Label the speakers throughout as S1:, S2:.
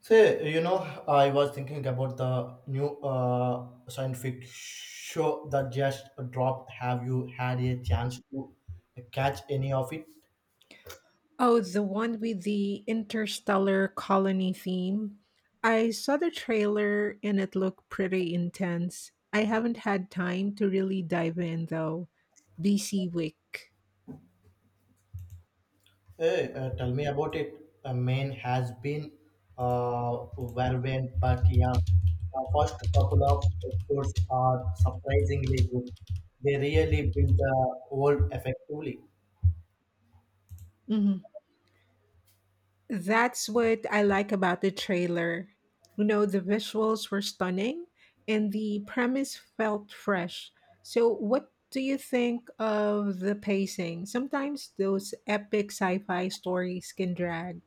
S1: Say, I was thinking about the new scientific show that just dropped. Have you had a chance to catch any of it?
S2: Oh, the one with the interstellar colony theme. I saw the trailer and it looked pretty intense. I haven't had time to really dive in though. BC Wick.
S1: Hey, tell me about it. Maine has been relevant, but yeah, the first couple of episodes are surprisingly good. They really build the world effectively.
S2: Mhm. That's what I like about the trailer. You know, the visuals were stunning and the premise felt fresh. So, what do you think of the pacing? Sometimes those epic sci fi stories can drag.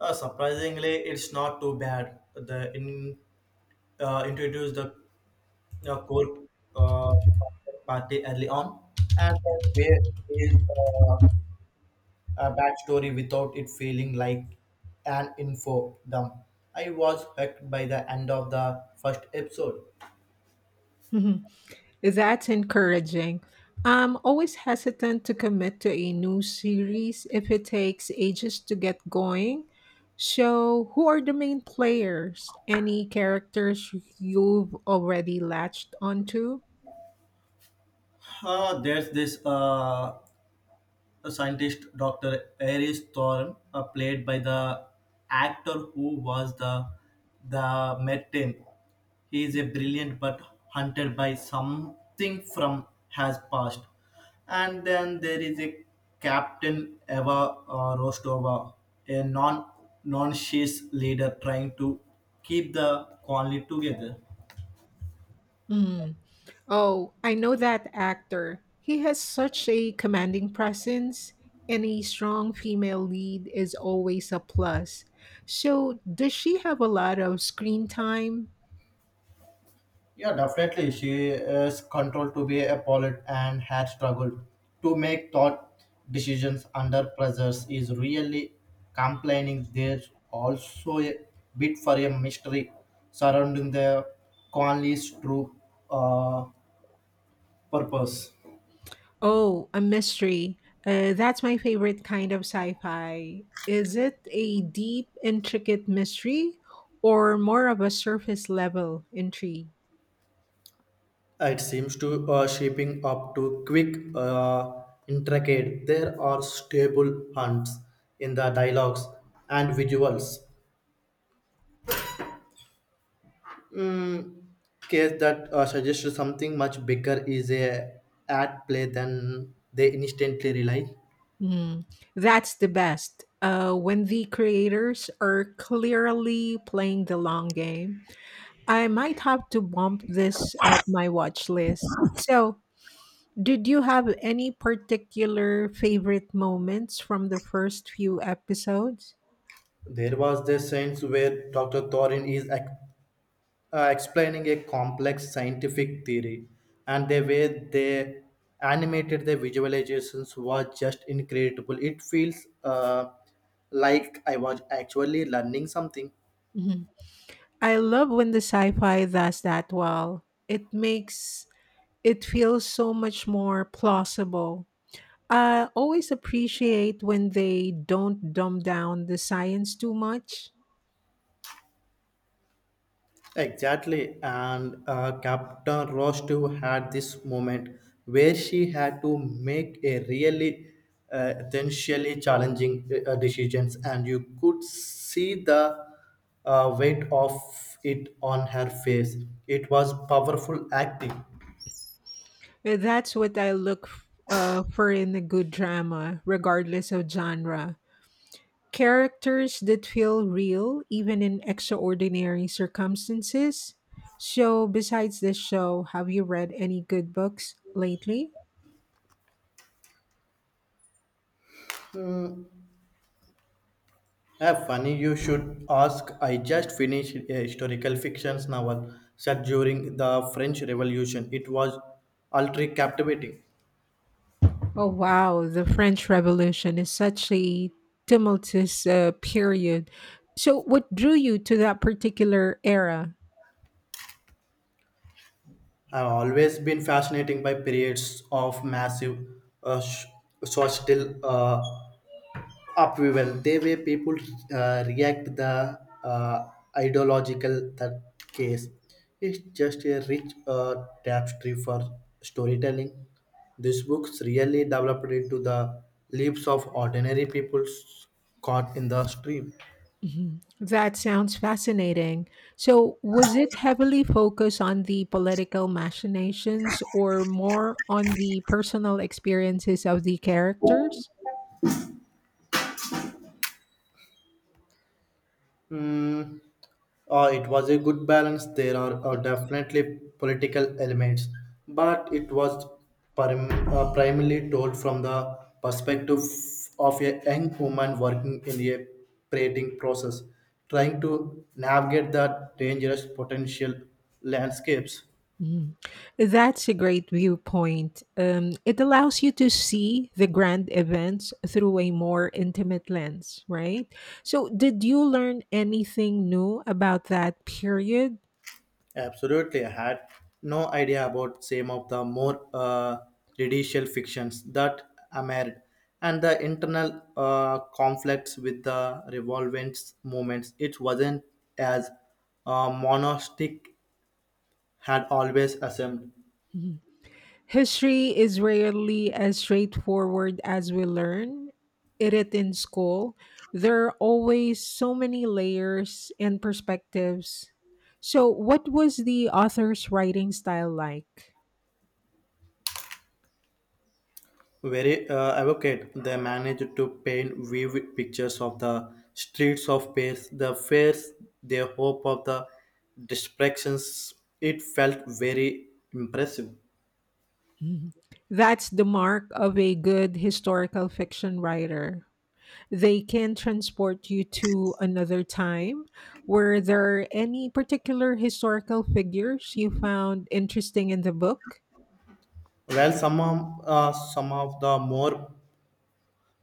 S1: Surprisingly, it's not too bad. The in Introduce the core uh, party early on, and then where is a backstory without it feeling like an info dump. I was hooked by the end of the first episode.
S2: Mhm. That's encouraging. I'm always hesitant to commit to a new series if it takes ages to get going. So, who are the main players? Any characters you've already latched onto?
S1: There's this a scientist Dr. Aries Thorne, played by the actor who was the Merton. He is a brilliant but hunted by something from has past. And then there is a Captain Eva Rostova, a non she's leader trying to keep the colony together.
S2: Hmm. Oh, I know that actor. He has such a commanding presence, and a strong female lead is always a plus. So, does she have a lot of screen time?
S1: Yeah, definitely. She is controlled to be a poet and had struggled to make thought decisions under pressures is really complaining. There's also a bit for a mystery surrounding the Conley's true uh, purpose.
S2: Oh, a mystery. That's my favorite kind of sci fi. Is it a deep, intricate mystery or more of a surface level intrigue?
S1: It seems to shaping up to quick, intricate. There are stable hunts in the dialogues and visuals. mm, Case that suggests something much bigger is at play than they instantly realize.
S2: Mm, that's the best. When the creators are clearly playing the long game. I might have to bump this up my watch list. So, did you have any particular favorite moments from the first few episodes?
S1: There was the sense where Dr. Thorin is explaining a complex scientific theory, and the way they animated the visualizations was just incredible. It feels like I was actually learning something.
S2: Mhm. I love when the sci-fi does that well. It makes it feel so much more plausible. I always appreciate when they don't dumb down the science too much.
S1: Exactly, and Captain Rostu had this moment where she had to make a really essentially challenging decisions, and you could see the weight of it on her face. It was powerful acting.
S2: That's what I for in a good drama, regardless of genre. Characters that feel real, even in extraordinary circumstances. So, besides this show, have you read any good books lately?
S1: Yeah, funny you should ask. I just finished a historical fiction novel set during the French Revolution. It was utterly captivating.
S2: Oh, wow. The French Revolution is such a tumultuous period. So, what drew you to that particular era?
S1: I've always been fascinated by periods of massive uh, sh- social upheaval, the way people react to the ideological that case. It's just a rich tapestry for storytelling. These books really developed into the lives of ordinary people caught in the stream.
S2: Mhm. That sounds fascinating. So, was it heavily focused on the political machinations or more on the personal experiences of the characters?
S1: Mm, it was a good balance. There are definitely political elements, but it was primarily told from the perspective of a young woman working in a creating process, trying to navigate the dangerous potential landscapes.
S2: Mm. That's a great viewpoint. It allows you to see the grand events through a more intimate lens, right? So, did you learn anything new about that period?
S1: Absolutely, I had no idea about some of the more judicial fictions that emerged, and the internal conflicts with the revolvent movements. It wasn't as monastic had always assumed.
S2: Mm-hmm. History is rarely as straightforward as we learn it in school. There are always so many layers and perspectives. So, what was the author's writing style like?
S1: Very advocate, they managed to paint vivid pictures of the streets of Paris, the fears, their hope of the distractions. It felt very impressive.
S2: Mhm. That's the mark of a good historical fiction writer, they can transport you to another time. Were there any particular historical figures you found interesting in the book?
S1: Well, some of the more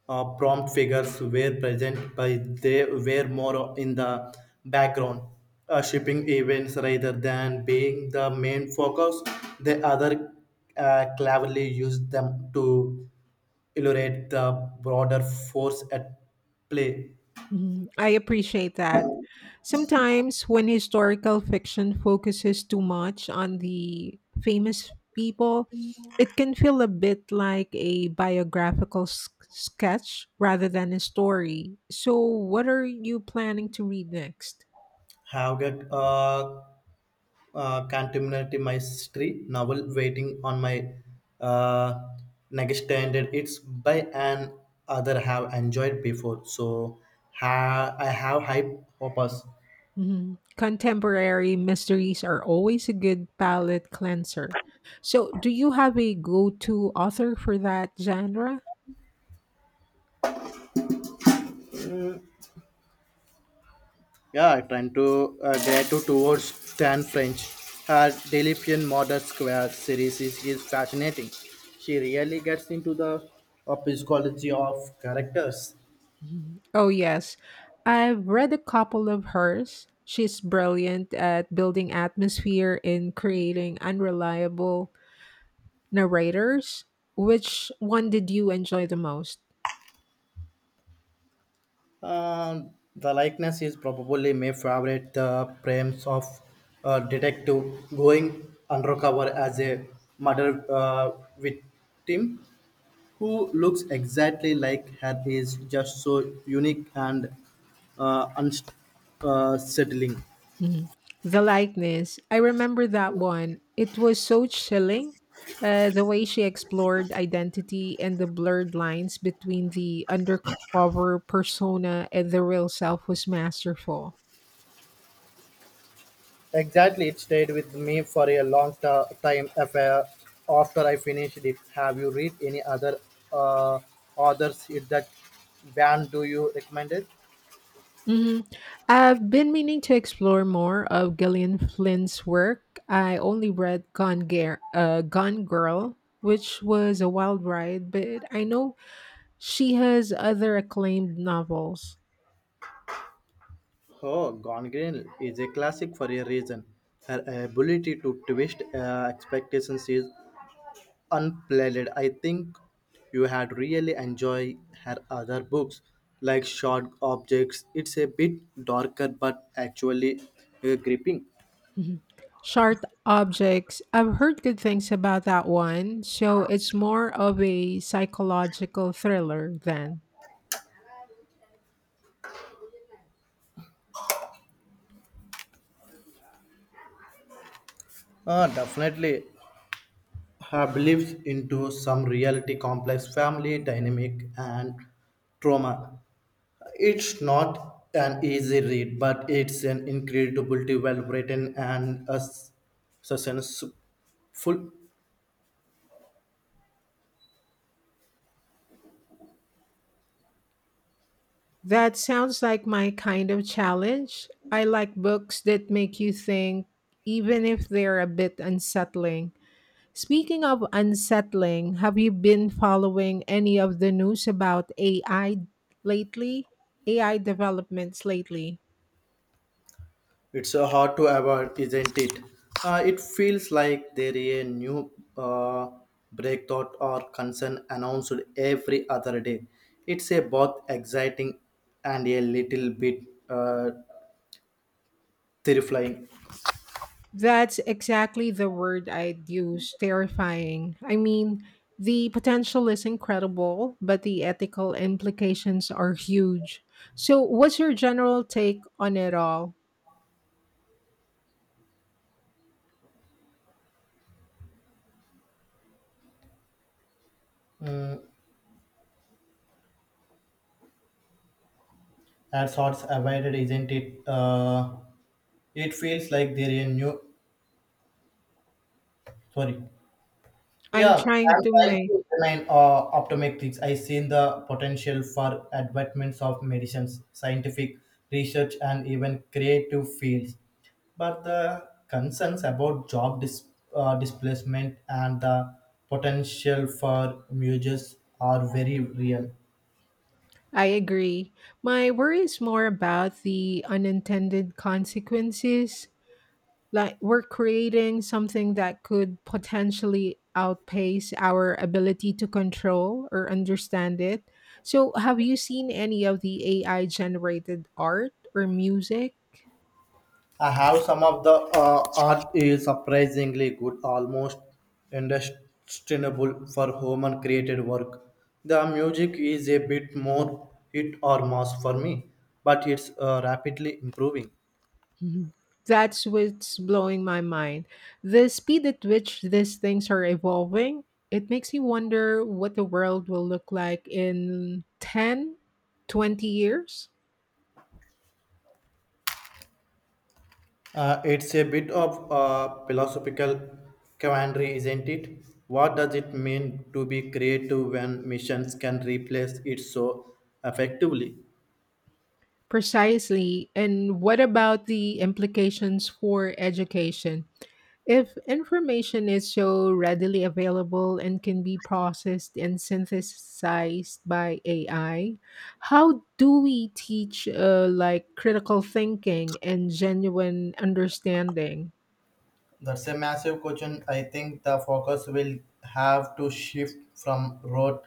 S1: prompt figures were present, but they were more in the background, shipping events rather than being the main focus. The other cleverly used them to illustrate the broader force at play.
S2: Mhm. I appreciate that. Sometimes, when historical fiction focuses too much on the famous people, it can feel a bit like a sketch rather than a story. So, what are you planning to read next?
S1: Have get contemporary mystery novel waiting on my uh, next standard. It's by an other have enjoyed before, so I have high hopes.
S2: Mhm. Contemporary mysteries are always a good palate cleanser. So, do you have a go to author for that genre?
S1: Yeah, trying to gratitude towards Stan French. Her Delipian Modern Square series is fascinating. She really gets into the psychology of characters.
S2: Mhm. Oh, yes. I've read a couple of hers. She's brilliant at building atmosphere and creating unreliable narrators. Which one did you enjoy the most?
S1: Uh, the likeness is probably my favorite. The premise of a detective going undercover as a murder victim who looks exactly like her is just so unique and unsettling. Settling.
S2: Mhm. The likeness. I remember that one. It was so chilling. The way she explored identity and the blurred lines between the undercover persona and the real self was masterful.
S1: Exactly, it stayed with me for a long time affair after I finished it. Have you read any other uh, authors that band do you recommend it?
S2: Hmm. I've been meaning to explore more of Gillian Flynn's work. I only read Gone Girl, which was a wild ride, but I know she has other acclaimed novels.
S1: Oh, Gone Girl is a classic for a reason. Her ability to twist expectations is unparalleled. I think you had really enjoyed her other books, like Short Objects. It's a bit darker, but actually gripping.
S2: Mhm. Sharp Objects. I've heard good things about that one, so it's more of a psychological thriller then.
S1: Definitely, her beliefs into some reality complex family dynamic and trauma. It's not an easy read, but it's an incredibly well written and a suspenseful.
S2: That sounds like my kind of challenge. I like books that make you think, even if they're a bit unsettling. Speaking of unsettling, have you been following any of the news about AI lately? AI developments lately?
S1: It's hard to avoid, isn't it? It feels like there is a new breakthrough or concern announced every other day. It's a both exciting and a little bit uh, terrifying.
S2: That's exactly the word I'd use, terrifying. I mean, the potential is incredible, but the ethical implications are huge. So, what's your general take on it all?
S1: Mm, at sorts avoided, isn't it? It feels like there is a new, sorry.
S2: I'm
S1: Yeah, I'm
S2: trying to
S1: trying
S2: make.
S1: to remain optimistic. I see the potential for advancements of medicines, scientific research, and even creative fields. But the concerns about job displacement and the potential for mergers are very real.
S2: I agree. My worry is more about the unintended consequences, like we're creating something that could potentially outpace our ability to control or understand it. So, have you seen any of the AI generated art or music?
S1: I have some of the art is surprisingly good, almost indistinguishable for human created work. The music is a bit more hit or miss for me, but it's rapidly improving.
S2: That's what's blowing my mind. The speed at which these things are evolving, it makes me wonder what the world will look like in 10, 20 years.
S1: It's a bit of philosophical quandary, isn't it? What does it mean to be creative when missions can replace it so effectively?
S2: Precisely. And what about the implications for education? If information is so readily available and can be processed and synthesized by AI, how do we teach like critical thinking and genuine understanding?
S1: That's a massive question. I think the focus will have to shift from rote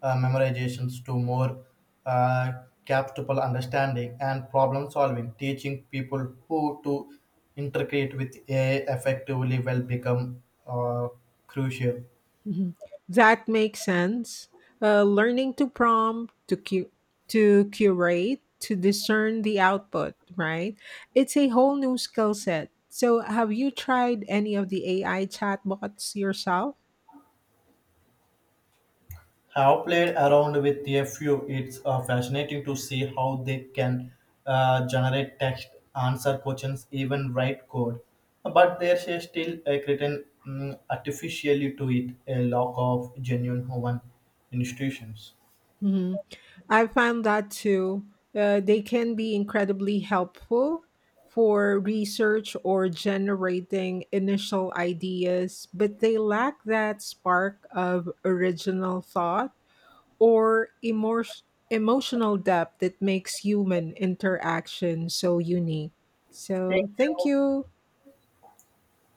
S1: memorizations to more uh, captable understanding and problem solving, teaching people who to integrate with AI effectively will become crucial.
S2: Mhm. That makes sense. Learning to prompt, to curate, to discern the output, right? It's a whole new skill set. So, have you tried any of the AI chatbots yourself?
S1: Have played around with a few. It's fascinating to see how they can generate text, answer questions, even write code. But there's a still a certain artificially to it a lack of genuine human institutions.
S2: Hmm. I found that too. They can be incredibly helpful for research or generating initial ideas, but they lack that spark of original thought or emor emotional depth that makes human interaction so unique. So, thank you.